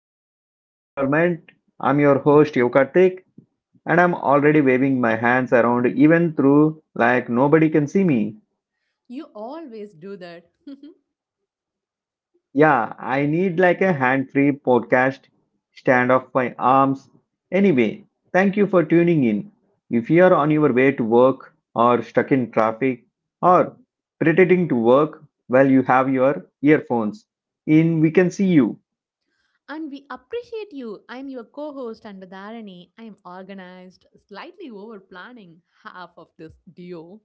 another episode of Environment. I'm your host Yokartik, and I'm already waving my hands around even through nobody can see me. You always do that. Yeah, I need like a hand-free podcast stand off my arms. Anyway, thank you for tuning in. If you are on your way to work or stuck in traffic or pretending to work while you have your earphones in, we can see you. And we appreciate you. I am your co host, and with Dharani, I am organized, slightly over planning half of this duo.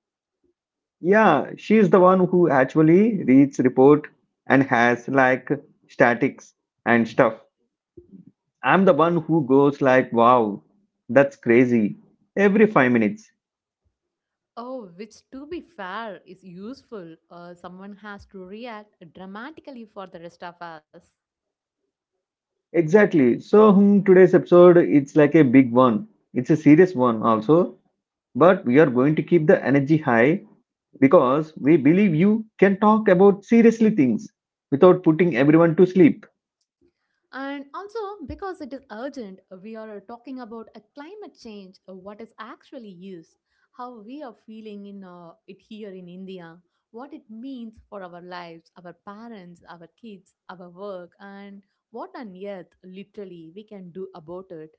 Yeah, she is the one who actually reads report and has like statics and stuff. I'm the one who goes like, wow, that's crazy. Every five minutes. Oh, which to be fair is useful. Someone has to react dramatically for the rest of us. Exactly. Today's episode, it's like a big one. It's a serious one also. But we are going to keep the energy high because we believe you can talk about seriously things without putting everyone to sleep. And also, because it is urgent, we are talking about a climate change, what is actually is, how we are feeling in it here in India, what it means for our lives, our parents, our kids, our work, and what on earth literally we can do about it.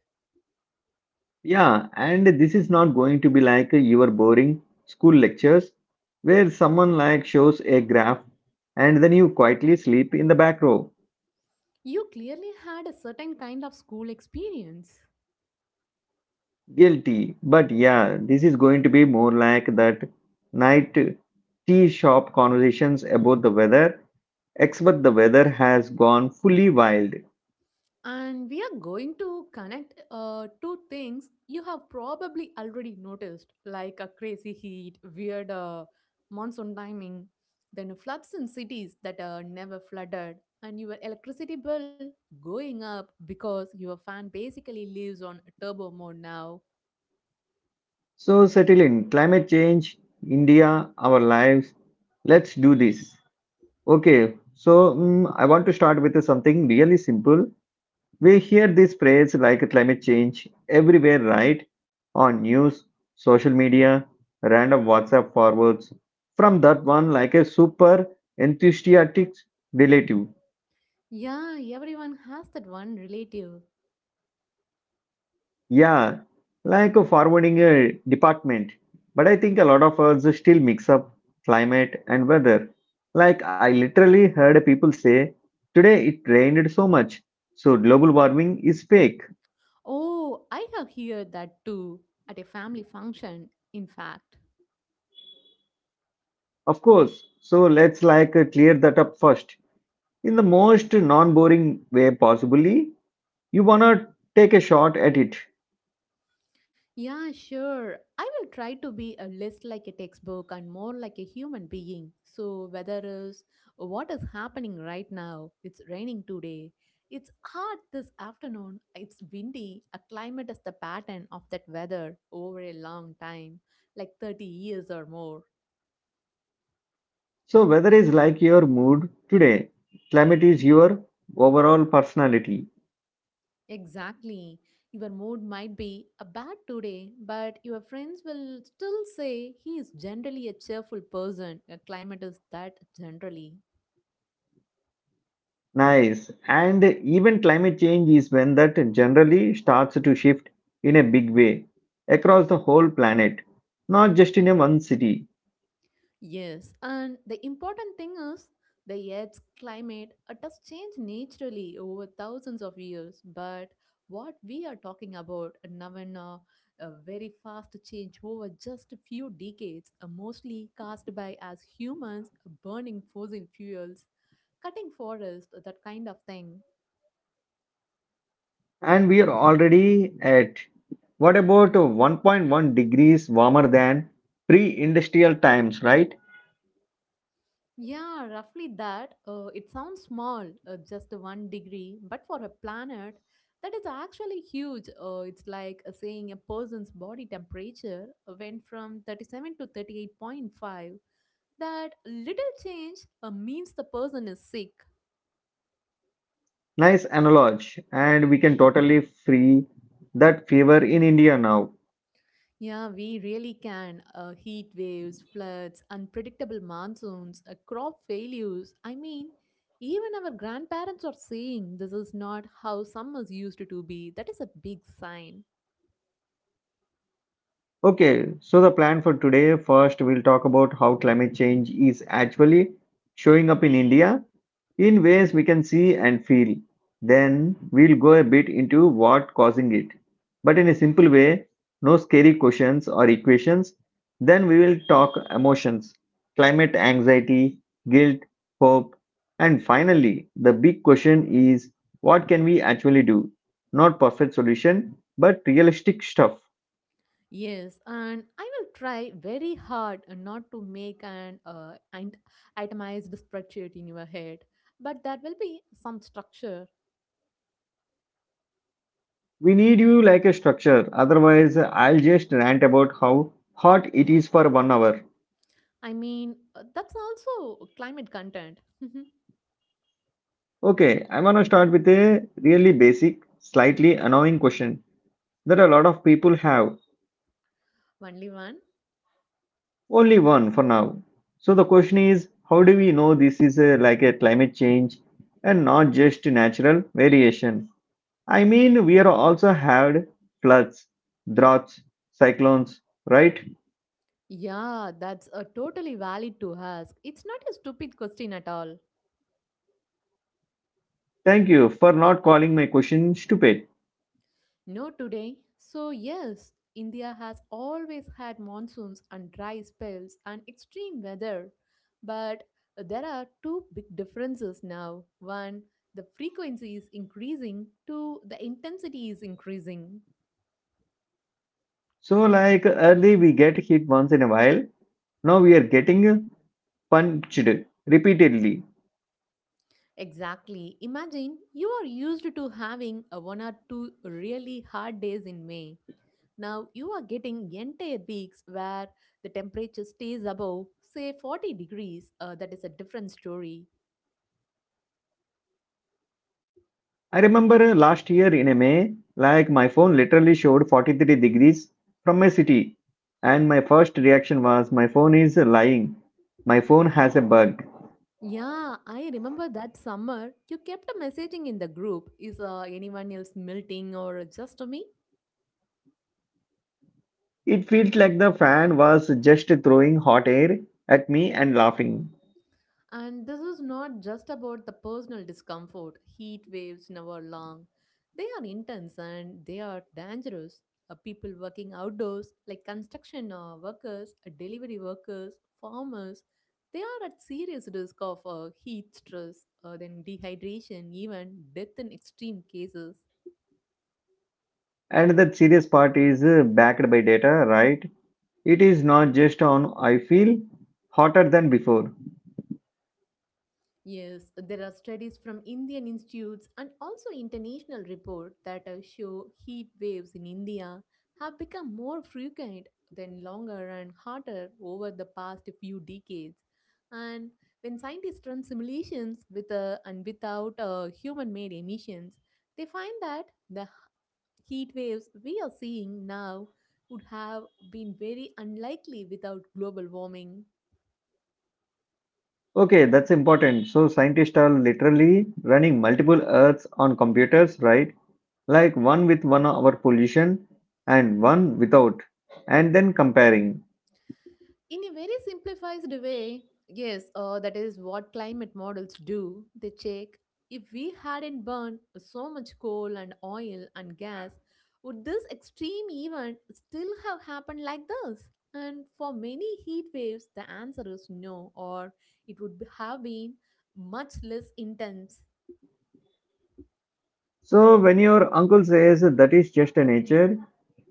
Yeah, and this is not going to be like your boring school lectures where someone like shows a graph and then you quietly sleep in the back row. You clearly had a certain kind of school experience. Guilty. But yeah, this is going to be more like that night tea shop conversations about the weather, except the weather has gone fully wild. And we are going to connect two things you have probably already noticed, like a crazy heat, weird monsoon timing, then floods in cities that are never flooded, and your electricity bill going up because your fan basically lives on turbo mode now. So settle in. Climate change, India, our lives. Let's do this. Okay, so I want to start with something really simple. We hear this phrase like climate change everywhere, right? On news, social media, random WhatsApp forwards from that one like a super enthusiastic relative. Yeah, everyone has that one relative. Yeah, like a forwarding a department. But I think a lot of us still mix up climate and weather. Like I literally heard people say, today it rained so much, so global warming is fake. Oh, I have heard that too, at a family function, in fact. Of course, so let's like clear that up first, in the most non-boring way possibly. You wanna take a shot at it? Yeah, sure. I will try to be a less like a textbook and more like a human being. So, whether is what is happening right now, it's raining today, it's hot this afternoon, it's windy, a climate is the pattern of that weather over a long time, like 30 years or more. So weather is like your mood today, climate is your overall personality. Exactly. Your mood might be a bad today, but your friends will still say he is generally a cheerful person. A climate is that generally. Nice, and even climate change is when that generally starts to shift in a big way across the whole planet, not just in a one city. Yes, and the important thing is the Earth's climate it has changed naturally over thousands of years. But what we are talking about now in a very fast change over just a few decades, mostly caused by us humans burning fossil fuels, cutting forests, that kind of thing. And we are already at what, about 1.1 degrees warmer than pre-industrial times, right? Yeah, roughly that. It sounds small, just one degree, but for a planet, that is actually huge. It's like saying a person's body temperature went from 37 to 38.5. That little change means the person is sick. Nice analogy, and we can totally free that fever in India now. Yeah, we really can. Heat waves, floods, unpredictable monsoons, crop failures. I mean, even our grandparents are saying this is not how summers used to be. That is a big sign. Okay, so the plan for today, first, we'll talk about how climate change is actually showing up in India, in ways we can see and feel. Then we'll go a bit into what causing it, but in a simple way, no scary questions or equations. Then we will talk emotions, climate anxiety, guilt, hope, and finally, the big question is what can we actually do? Not perfect solution, but realistic stuff. Yes, and I will try very hard not to make an itemized spreadsheet in your head, but there will be some structure. We need you like a structure, otherwise, I'll just rant about how hot it is for one hour. I mean, that's also climate content. Okay, I'm gonna start with a really basic, slightly annoying question that a lot of people have. Only one? Only one for now. So the question is, how do we know this is a, like a climate change and not just natural variation? I mean, we are also had floods, droughts, cyclones, right? Yeah, that's a totally valid to ask. It's not a stupid question at all. Thank you for not calling my question stupid. No, today. So, yes, India has always had monsoons and dry spells and extreme weather. But there are two big differences now. One, the frequency is increasing, two, the intensity is increasing. So like early we get hit once in a while. Now we are getting punched repeatedly. Exactly. Imagine you are used to having a one or two really hard days in May. Now you are getting entire weeks where the temperature stays above, say, 40 degrees. That is a different story. I remember last year in May, like my phone literally showed 43 degrees from my city, and my first reaction was, my phone is lying. My phone has a bug. Yeah, I remember that summer you kept a messaging in the group is anyone else melting or just me? It felt like the fan was just throwing hot air at me and laughing. And this is not just about the personal discomfort. Heat waves never long. They are intense and they are dangerous. People working outdoors, like construction workers, delivery workers, farmers, they are at serious risk of heat stress, then dehydration, even death in extreme cases. And the serious part is backed by data, right? It is not just on, I feel hotter than before. Yes, there are studies from Indian institutes and also international reports that show heat waves in India have become more frequent than longer and hotter over the past few decades. And when scientists run simulations with and without human-made emissions, they find that heat waves we are seeing now would have been very unlikely without global warming. Okay, that's important. So, scientists are literally running multiple Earths on computers, right? Like one with one hour pollution and one without, and then comparing. In a very simplified way, yes, that is what climate models do. They check if we hadn't burned so much coal and oil and gas, would this extreme event still have happened like this? And for many heat waves, the answer is no, or it would have been much less intense. So, when your uncle says that is just nature,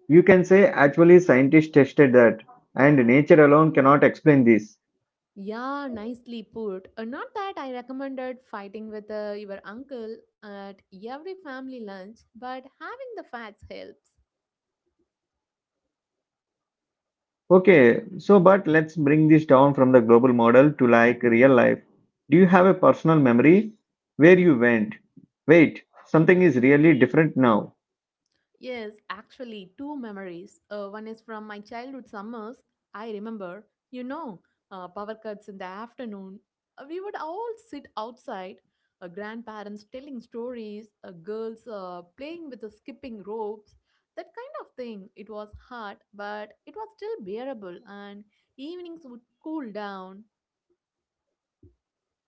you can say actually scientists tested that, and nature alone cannot explain this. Yeah, nicely put. Not that I recommended fighting with your uncle at every family lunch, but having the facts helps. Okay, so but let's bring this down from the global model to like real life. Do you have a personal memory where you went? Wait, something is really different now. Yes, actually, two memories. One is from my childhood summers. I remember, you know, power cuts in the afternoon. We would all sit outside, grandparents telling stories, girls playing with the skipping ropes, that kind of thing. It was hot, but it was still bearable, and evenings would cool down.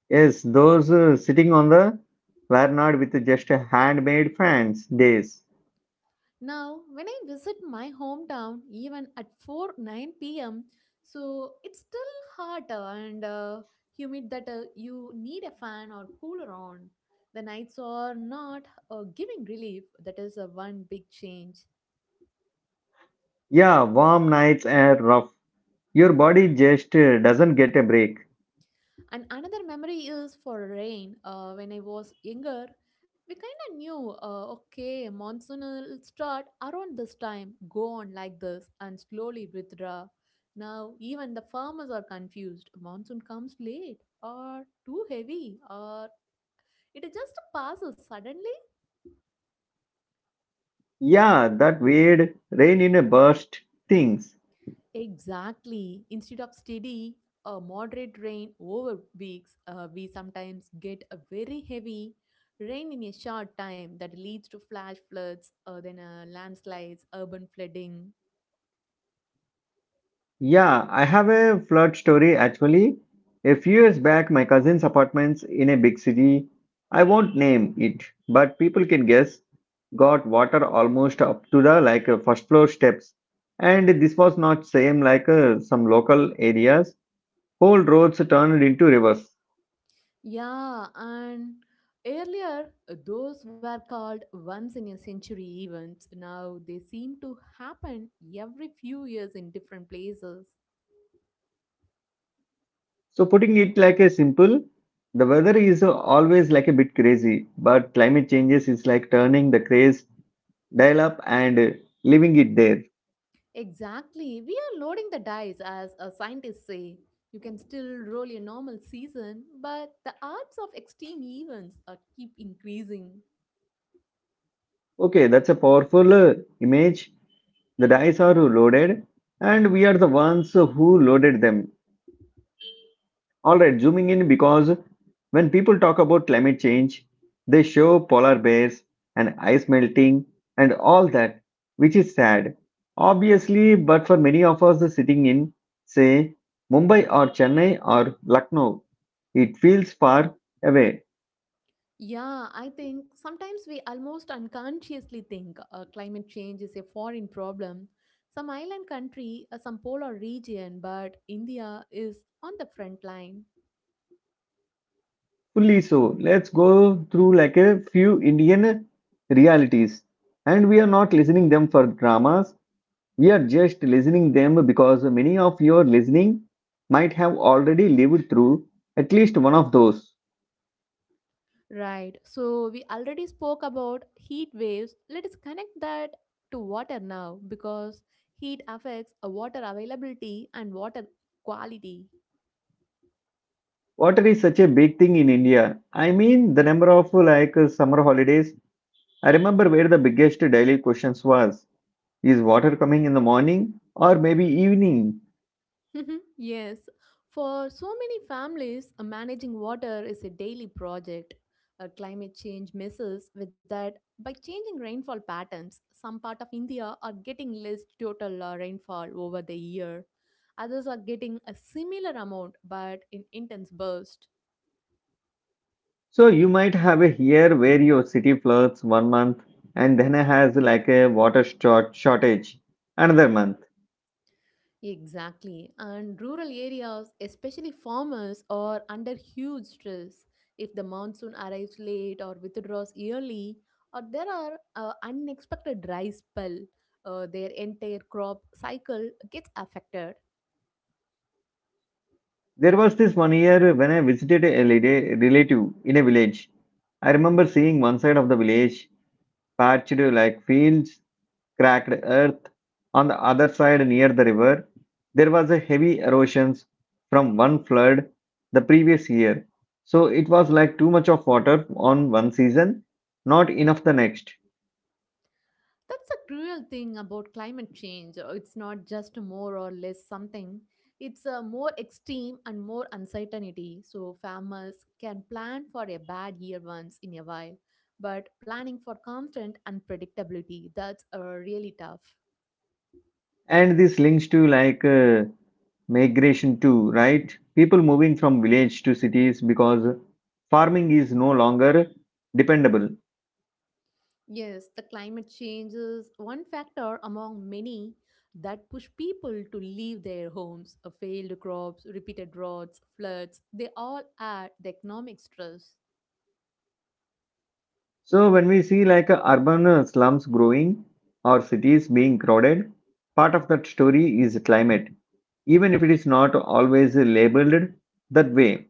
Yes, those sitting on the were not with just handmade fans days. Now, when I visit my hometown, even at 4 9 p.m., so it's still hot and humid that you need a fan or cooler on. The nights are not giving relief, that is one big change. Yeah, warm nights and rough. Your body just doesn't get a break. And another memory is for rain. When I was younger, we kind of knew, okay, monsoon will start around this time, go on like this, and slowly withdraw. Now, even the farmers are confused. Monsoon comes late, or too heavy, or it just passes suddenly. Yeah, that weird rain in a burst things. Exactly. Instead of steady, moderate rain over weeks, we sometimes get a very heavy rain in a short time that leads to flash floods, then landslides, urban flooding. Yeah, I have a flood story actually. A few years back, my cousin's apartments in a big city, I won't name it, but people can guess, got water almost up to the first floor steps. And this was not same like some local areas. Whole roads turned into rivers. Yeah, and earlier those were called once in a century events. Now they seem to happen every few years in different places. So putting it like a simple, the weather is always like a bit crazy, but climate changes is like turning the craze dial up and leaving it there. Exactly. We are loading the dice, as scientists say. You can still roll a normal season, but the odds of extreme events keep increasing. Okay, that's a powerful image. The dice are loaded, and we are the ones who loaded them. All right, zooming in, because when people talk about climate change, they show polar bears and ice melting and all that, which is sad. Obviously, but for many of us sitting in, say, Mumbai or Chennai or Lucknow, it feels far away. Yeah, I think sometimes we almost unconsciously think climate change is a foreign problem. Some island country, some polar region, but India is on the front line. Fully so. Let's go through like a few Indian realities. And we are not listening them for dramas. We are just listening them because many of your listening might have already lived through at least one of those. Right. So we already spoke about heat waves. Let us connect that to water now because heat affects water availability and water quality. Water is such a big thing in India. I mean, the number of like summer holidays. I remember where the biggest daily questions was, is water coming in the morning or maybe evening? Mhm. Yes, for so many families, managing water is a daily project. Climate change messes with that by changing rainfall patterns. Some part of India are getting less total rainfall over the year. Others are getting a similar amount but in intense bursts. So you might have a here where your city floods one month and then has like a water short shortage another month. Exactly. And rural areas, especially farmers, are under huge stress if the monsoon arrives late or withdraws early, or there are unexpected dry spell their entire crop cycle gets affected. There was this one year when I visited a lady, relative in a village. I remember seeing one side of the village patched like fields, cracked earth. On the other side, near the river, there was a heavy erosion from one flood the previous year. So it was like too much of water on one season, not enough the next. That's a cruel thing about climate change. It's not just more or less something, it's a more extreme and more uncertainty. So, farmers can plan for a bad year once in a while, but planning for constant unpredictability, that's really tough. And this links to migration too, right? People moving from village to cities because farming is no longer dependable. Yes, the climate change is one factor among many that push people to leave their homes. Failed crops, repeated droughts, floods, they all add the economic stress. So when we see like urban slums growing or cities being crowded, part of that story is climate, even if it is not always labeled that way.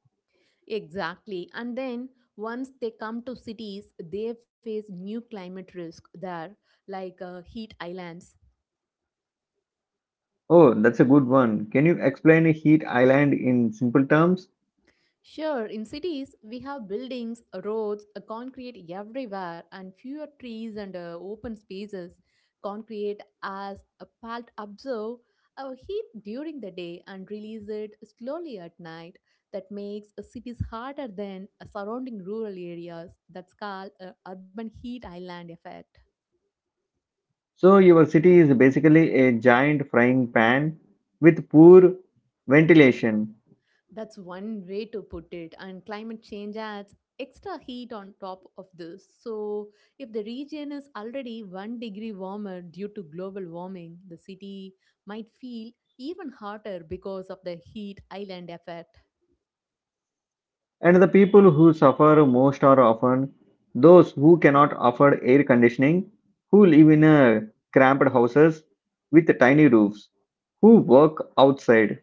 Exactly. And then once they come to cities, they face new climate risk there, like heat islands. Oh, that's a good one. Can you explain a heat island in simple terms? Sure, in cities, we have buildings, roads, concrete everywhere, and fewer trees and open spaces. Concrete, as a part absorb our heat during the day and release it slowly at night. That makes cities harder than surrounding rural areas. That's called urban heat island effect. So your city is basically a giant frying pan with poor ventilation, That's one way to put it, and climate change adds extra heat on top of this. So, if the region is already one degree warmer due to global warming, the city might feel even hotter because of the heat island effect. and the people who suffer most are often those who cannot afford air conditioning, who live in cramped houses with tiny roofs, who work outside.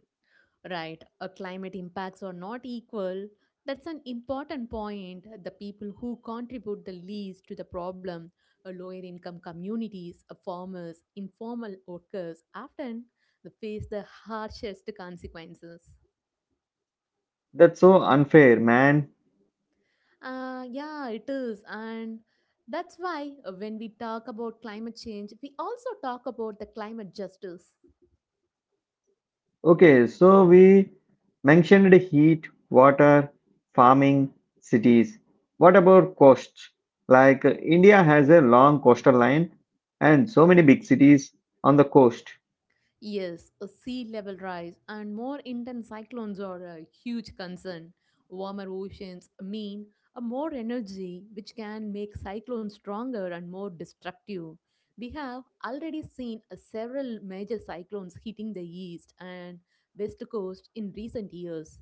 Right, climate impacts are not equal. That's an important point. The people who contribute the least to the problem, lower income communities, farmers, informal workers, often they face the harshest consequences. That's so unfair, man. Yeah, it is. And that's why when we talk about climate change, we also talk about the climate justice. Okay, so we mentioned heat, water, farming, cities. What about coasts? India has a long coastal line and so many big cities on the coast. Yes, a sea level rise and more intense cyclones are a huge concern. Warmer oceans mean a more energy, which can make cyclones stronger and more destructive. We have already seen a several major cyclones hitting the east and west coast in recent years.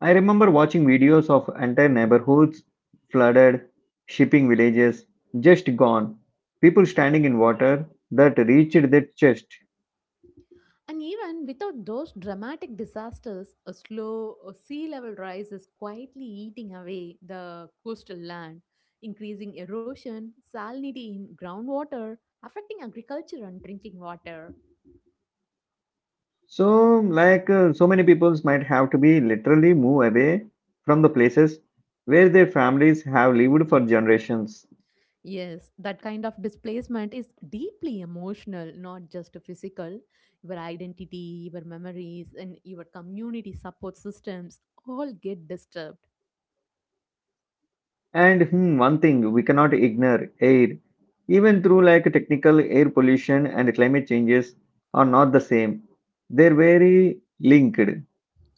I remember watching videos of entire neighborhoods flooded, shipping villages just gone, people standing in water that reached their chest. And even without those dramatic disasters, a slow sea level rise is quietly eating away the coastal land, increasing erosion, salinity in groundwater, affecting agriculture and drinking water. So, so many peoples might have to be literally move away from the places where their families have lived for generations. Yes, that kind of displacement is deeply emotional, not just physical. Your identity, your memories, and your community support systems all get disturbed. And one thing we cannot ignore air, even through like technical air pollution and climate changes are not the same. They're very linked.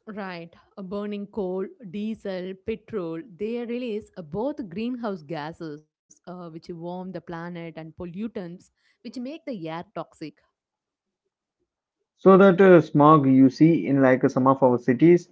Right, burning coal, diesel, petrol, they release both greenhouse gases, which warm the planet, and pollutants, which make the air toxic. So that smog you see in like some of our cities,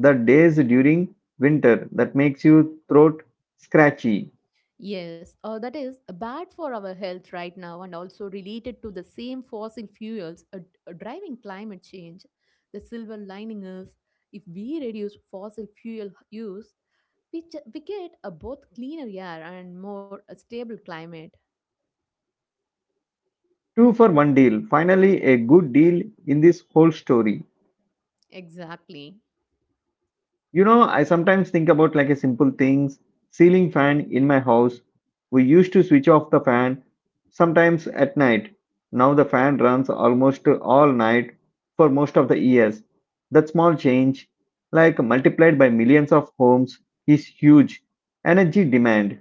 the days during winter that makes you throat scratchy. Yes, that is bad for our health right now, and also related to the same fossil fuels driving climate change. The silver lining is if we reduce fossil fuel use, we get a both cleaner air and more stable climate. Two for one deal. Finally, a good deal in this whole story. Exactly. You know, I sometimes think about like a simple things. Ceiling fan in my house. We used to switch off the fan sometimes at night. Now the fan runs almost all night for most of the years. That small change, like multiplied by millions of homes, is huge energy demand.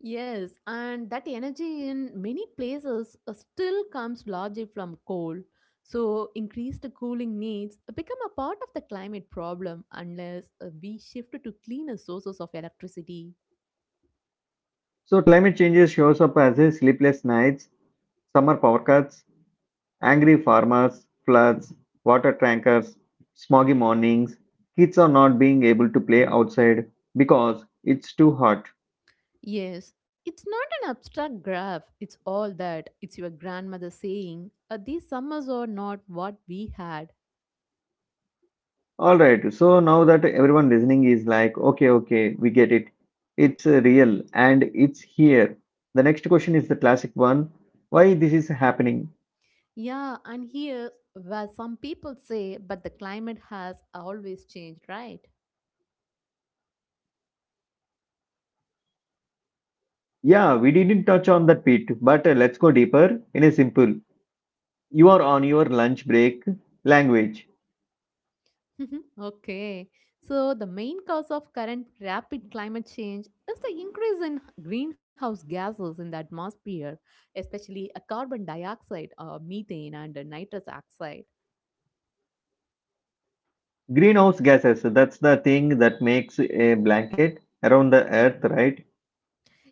Yes, and that energy in many places still comes largely from coal. So, increased cooling needs become a part of the climate problem unless we shift to cleaner sources of electricity. So climate changes shows up as a sleepless nights, summer power cuts, angry farmers, floods, water tankers, smoggy mornings, kids are not being able to play outside because it's too hot. Yes, it's not an abstract graph, it's all that. It's your grandmother saying, "These summers are not what we had." All right, so now that everyone listening is like, okay, okay, we get it. It's real and it's here. The next question is the classic one. Why this is happening? Yeah, and here's where some people say, but the climate has always changed, right? Yeah, we didn't touch on that bit, but let's go deeper in a simple. You are on your lunch break language. Okay. So, the main cause of current rapid climate change is the increase in greenhouse gases in the atmosphere, especially carbon dioxide, methane, and nitrous oxide. Greenhouse gases, that's the thing that makes a blanket around the earth, right?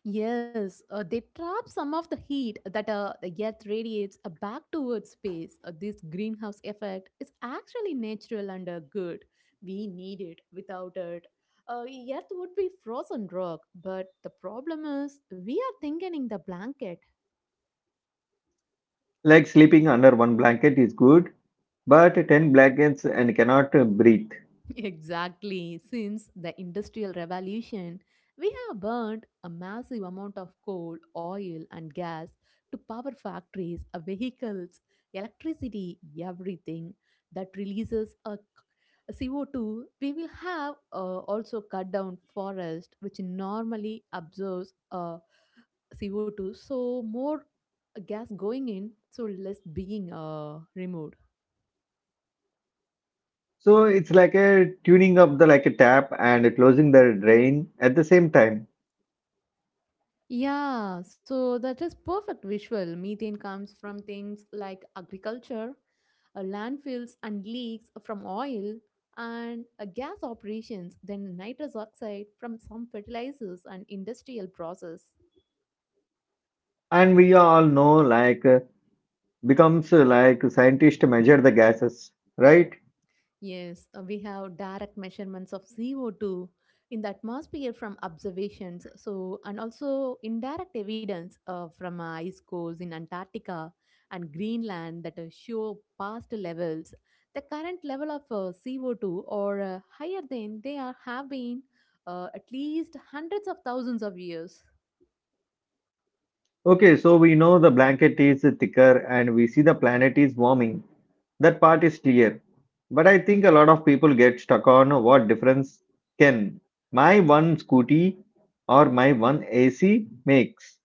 Yes, they trap some of the heat that the Earth radiates back towards space. This greenhouse effect is actually natural and good. We need it. Without it, Earth would be frozen rock. But the problem is, we are thinking in the blanket. Like sleeping under one blanket is good, but 10 blankets and cannot breathe. Exactly. Since the Industrial Revolution, we have burned a massive amount of coal, oil, and gas to power factories, vehicles, electricity, everything that releases a CO2. We will have also cut down forest, which normally absorbs CO2. So more gas going in, so less being removed. So it's like a tuning up the like a tap and closing the drain at the same time. Yeah, so that is perfect visual. Methane comes from things like agriculture, landfills, and leaks from oil, and gas operations, then nitrous oxide from some fertilizers and industrial process. And we all know like becomes like scientists measure the gases, right? Yes, we have direct measurements of CO2 in the atmosphere from observations. So, and also indirect evidence from ice cores in Antarctica and Greenland that show past levels. The current level of CO2 or higher than they are, have been at least hundreds of thousands of years. Okay, so we know the blanket is thicker and we see the planet is warming. That part is clear. But I think a lot of people get stuck on what difference can my one scooty or my one AC makes.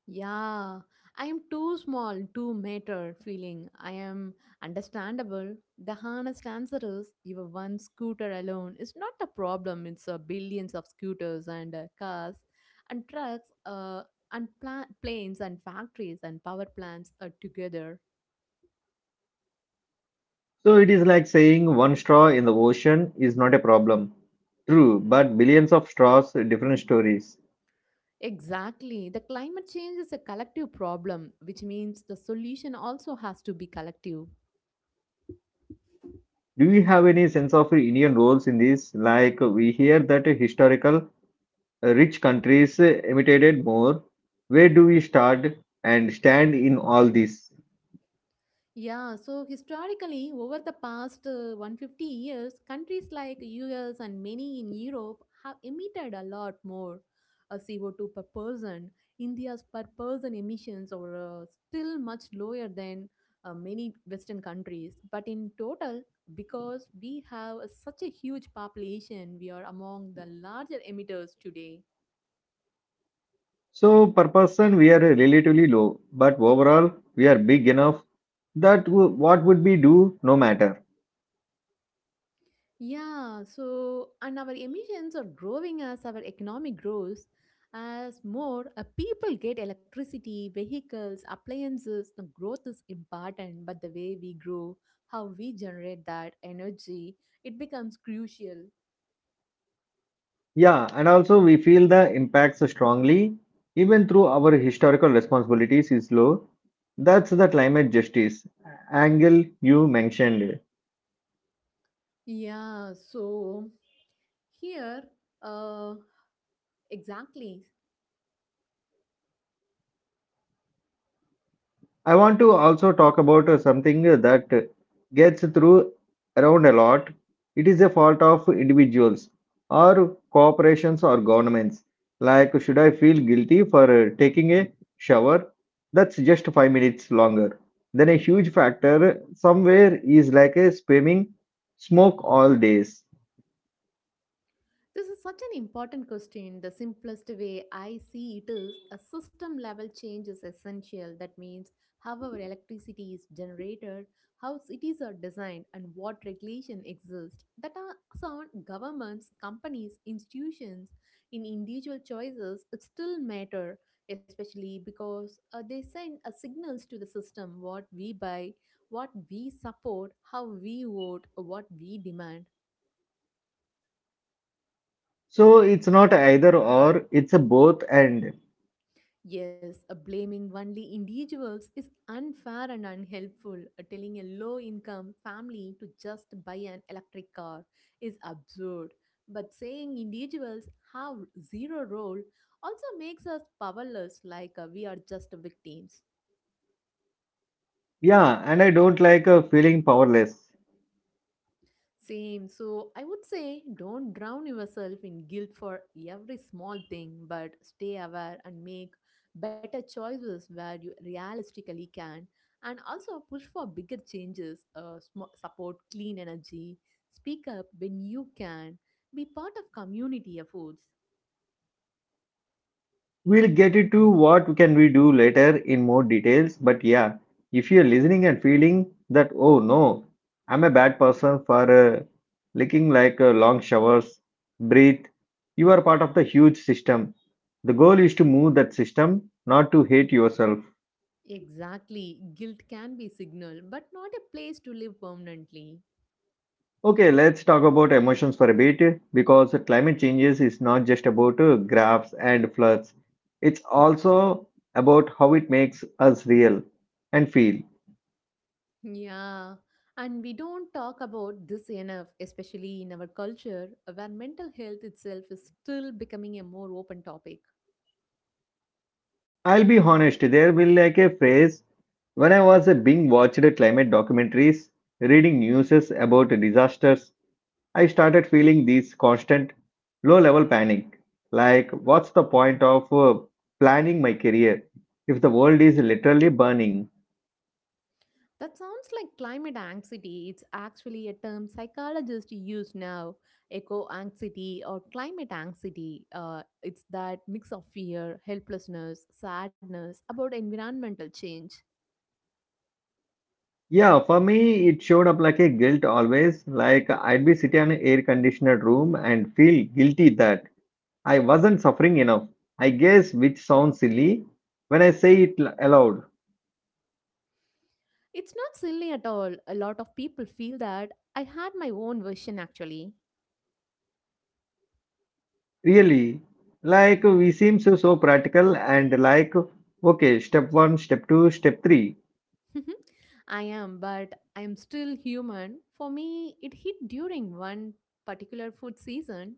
Yeah, I am too small to matter feeling. I am understandable. The honest answer is your one scooter alone is not the problem. It's billions of scooters and cars and trucks and planes and factories and power plants are together. So it is like saying one straw in the ocean is not a problem. True, but billions of straws, different stories. Exactly. The climate change is a collective problem, which means the solution also has to be collective. Do you have any sense of Indian roles in this? Like we hear that historical rich countries imitated more. Where do we start and stand in all this? Yeah, so historically, over the past 150 years, countries like US and many in Europe have emitted a lot more CO2 per person. India's per person emissions are still much lower than many Western countries. But in total, because we have such a huge population, we are among the larger emitters today. So per person we are relatively low, but overall we are big enough that what would we do no matter. Yeah, so and our emissions are growing as our economy grows, as more people get electricity, vehicles, appliances. The growth is important, but the way we grow, how we generate that energy, it becomes crucial. Yeah, and also we feel the impacts strongly, even through our historical responsibilities is low. That's the climate justice angle you mentioned. Yeah, so here, uh, exactly. I want to also talk about something that gets through around a lot. It is a fault of individuals or corporations or governments. Like, should I feel guilty for taking a shower? That's just five minutes longer. Then a huge factor somewhere is like a spamming smoke all days. This is such an important question. The simplest way I see it is a system level change is essential. That means how our electricity is generated, how cities are designed, and what regulation exists. That are sound governments, companies, institutions, in individual choices, it still matter, especially because they send a signals to the system what we buy, what we support, how we vote, what we demand. So it's not either or, it's a both and. Yes, blaming only individuals is unfair and unhelpful. Telling a low income family to just buy an electric car is absurd. But saying individuals have zero role also makes us powerless, like we are just victims. Yeah, and I don't like feeling powerless. Same. So I would say don't drown yourself in guilt for every small thing, but stay aware and make better choices where you realistically can. And also push for bigger changes, support clean energy, speak up when you can, be part of community efforts. We'll get into what can we do later in more details, but yeah, if you're listening and feeling that oh no, I'm a bad person for licking like long showers, breathe. You are part of the huge system. The goal is to move that system, not to hate yourself. Exactly. Guilt can be signal, but not a place to live permanently. Okay, let's talk about emotions for a bit because climate changes is not just about graphs and floods. It's also about how it makes us real and feel. Yeah, and we don't talk about this enough, especially in our culture where mental health itself is still becoming a more open topic. I'll be honest, there will like a phase when I was being watched climate documentaries, reading news about disasters, I started feeling this constant low level panic. Like, what's the point of planning my career if the world is literally burning? That sounds like climate anxiety. It's actually a term psychologists use now, eco anxiety or climate anxiety. It's that mix of fear, helplessness, sadness about environmental change. Yeah, for me, it showed up like a guilt always. Like, I'd be sitting in an air conditioned room and feel guilty that I wasn't suffering enough. I guess, which sounds silly when I say it aloud. It's not silly at all. A lot of people feel that. I had my own version actually. Really, like we seem so so practical and like okay, step one, step two, step three. I am, but I am still human. For me, it hit during one particular food season.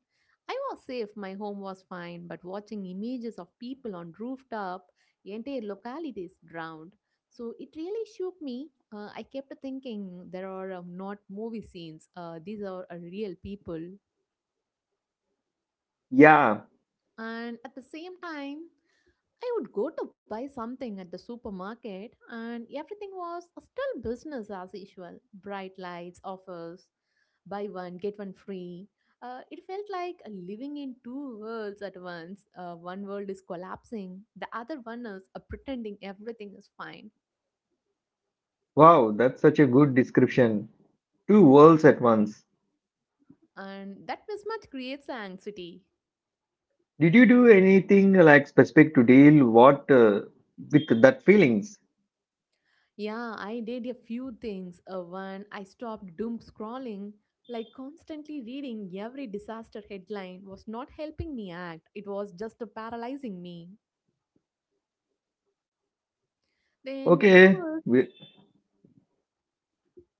I was safe, my home was fine, but watching images of people on rooftop, entire localities drowned. So it really shook me. I kept thinking there are not movie scenes, these are real people. Yeah, And at the same time, I would go to buy something at the supermarket, and everything was still business as usual, bright lights, offers, buy one, get one free. It felt like living in two worlds at once. One world is collapsing, the other one is pretending everything is fine. wow, that's such a good description. Two worlds at once. And that mismatch creates anxiety. Did you do anything like specific to deal what with that feelings? Yeah, I did a few things. One, I stopped doom scrolling. Like constantly reading every disaster headline was not helping me act. It was just paralyzing me. Then, Okay, two is we,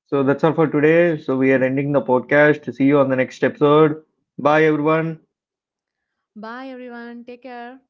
so that's all for today. So we are ending the podcast. See you on the next episode. Bye everyone. bye everyone, take care.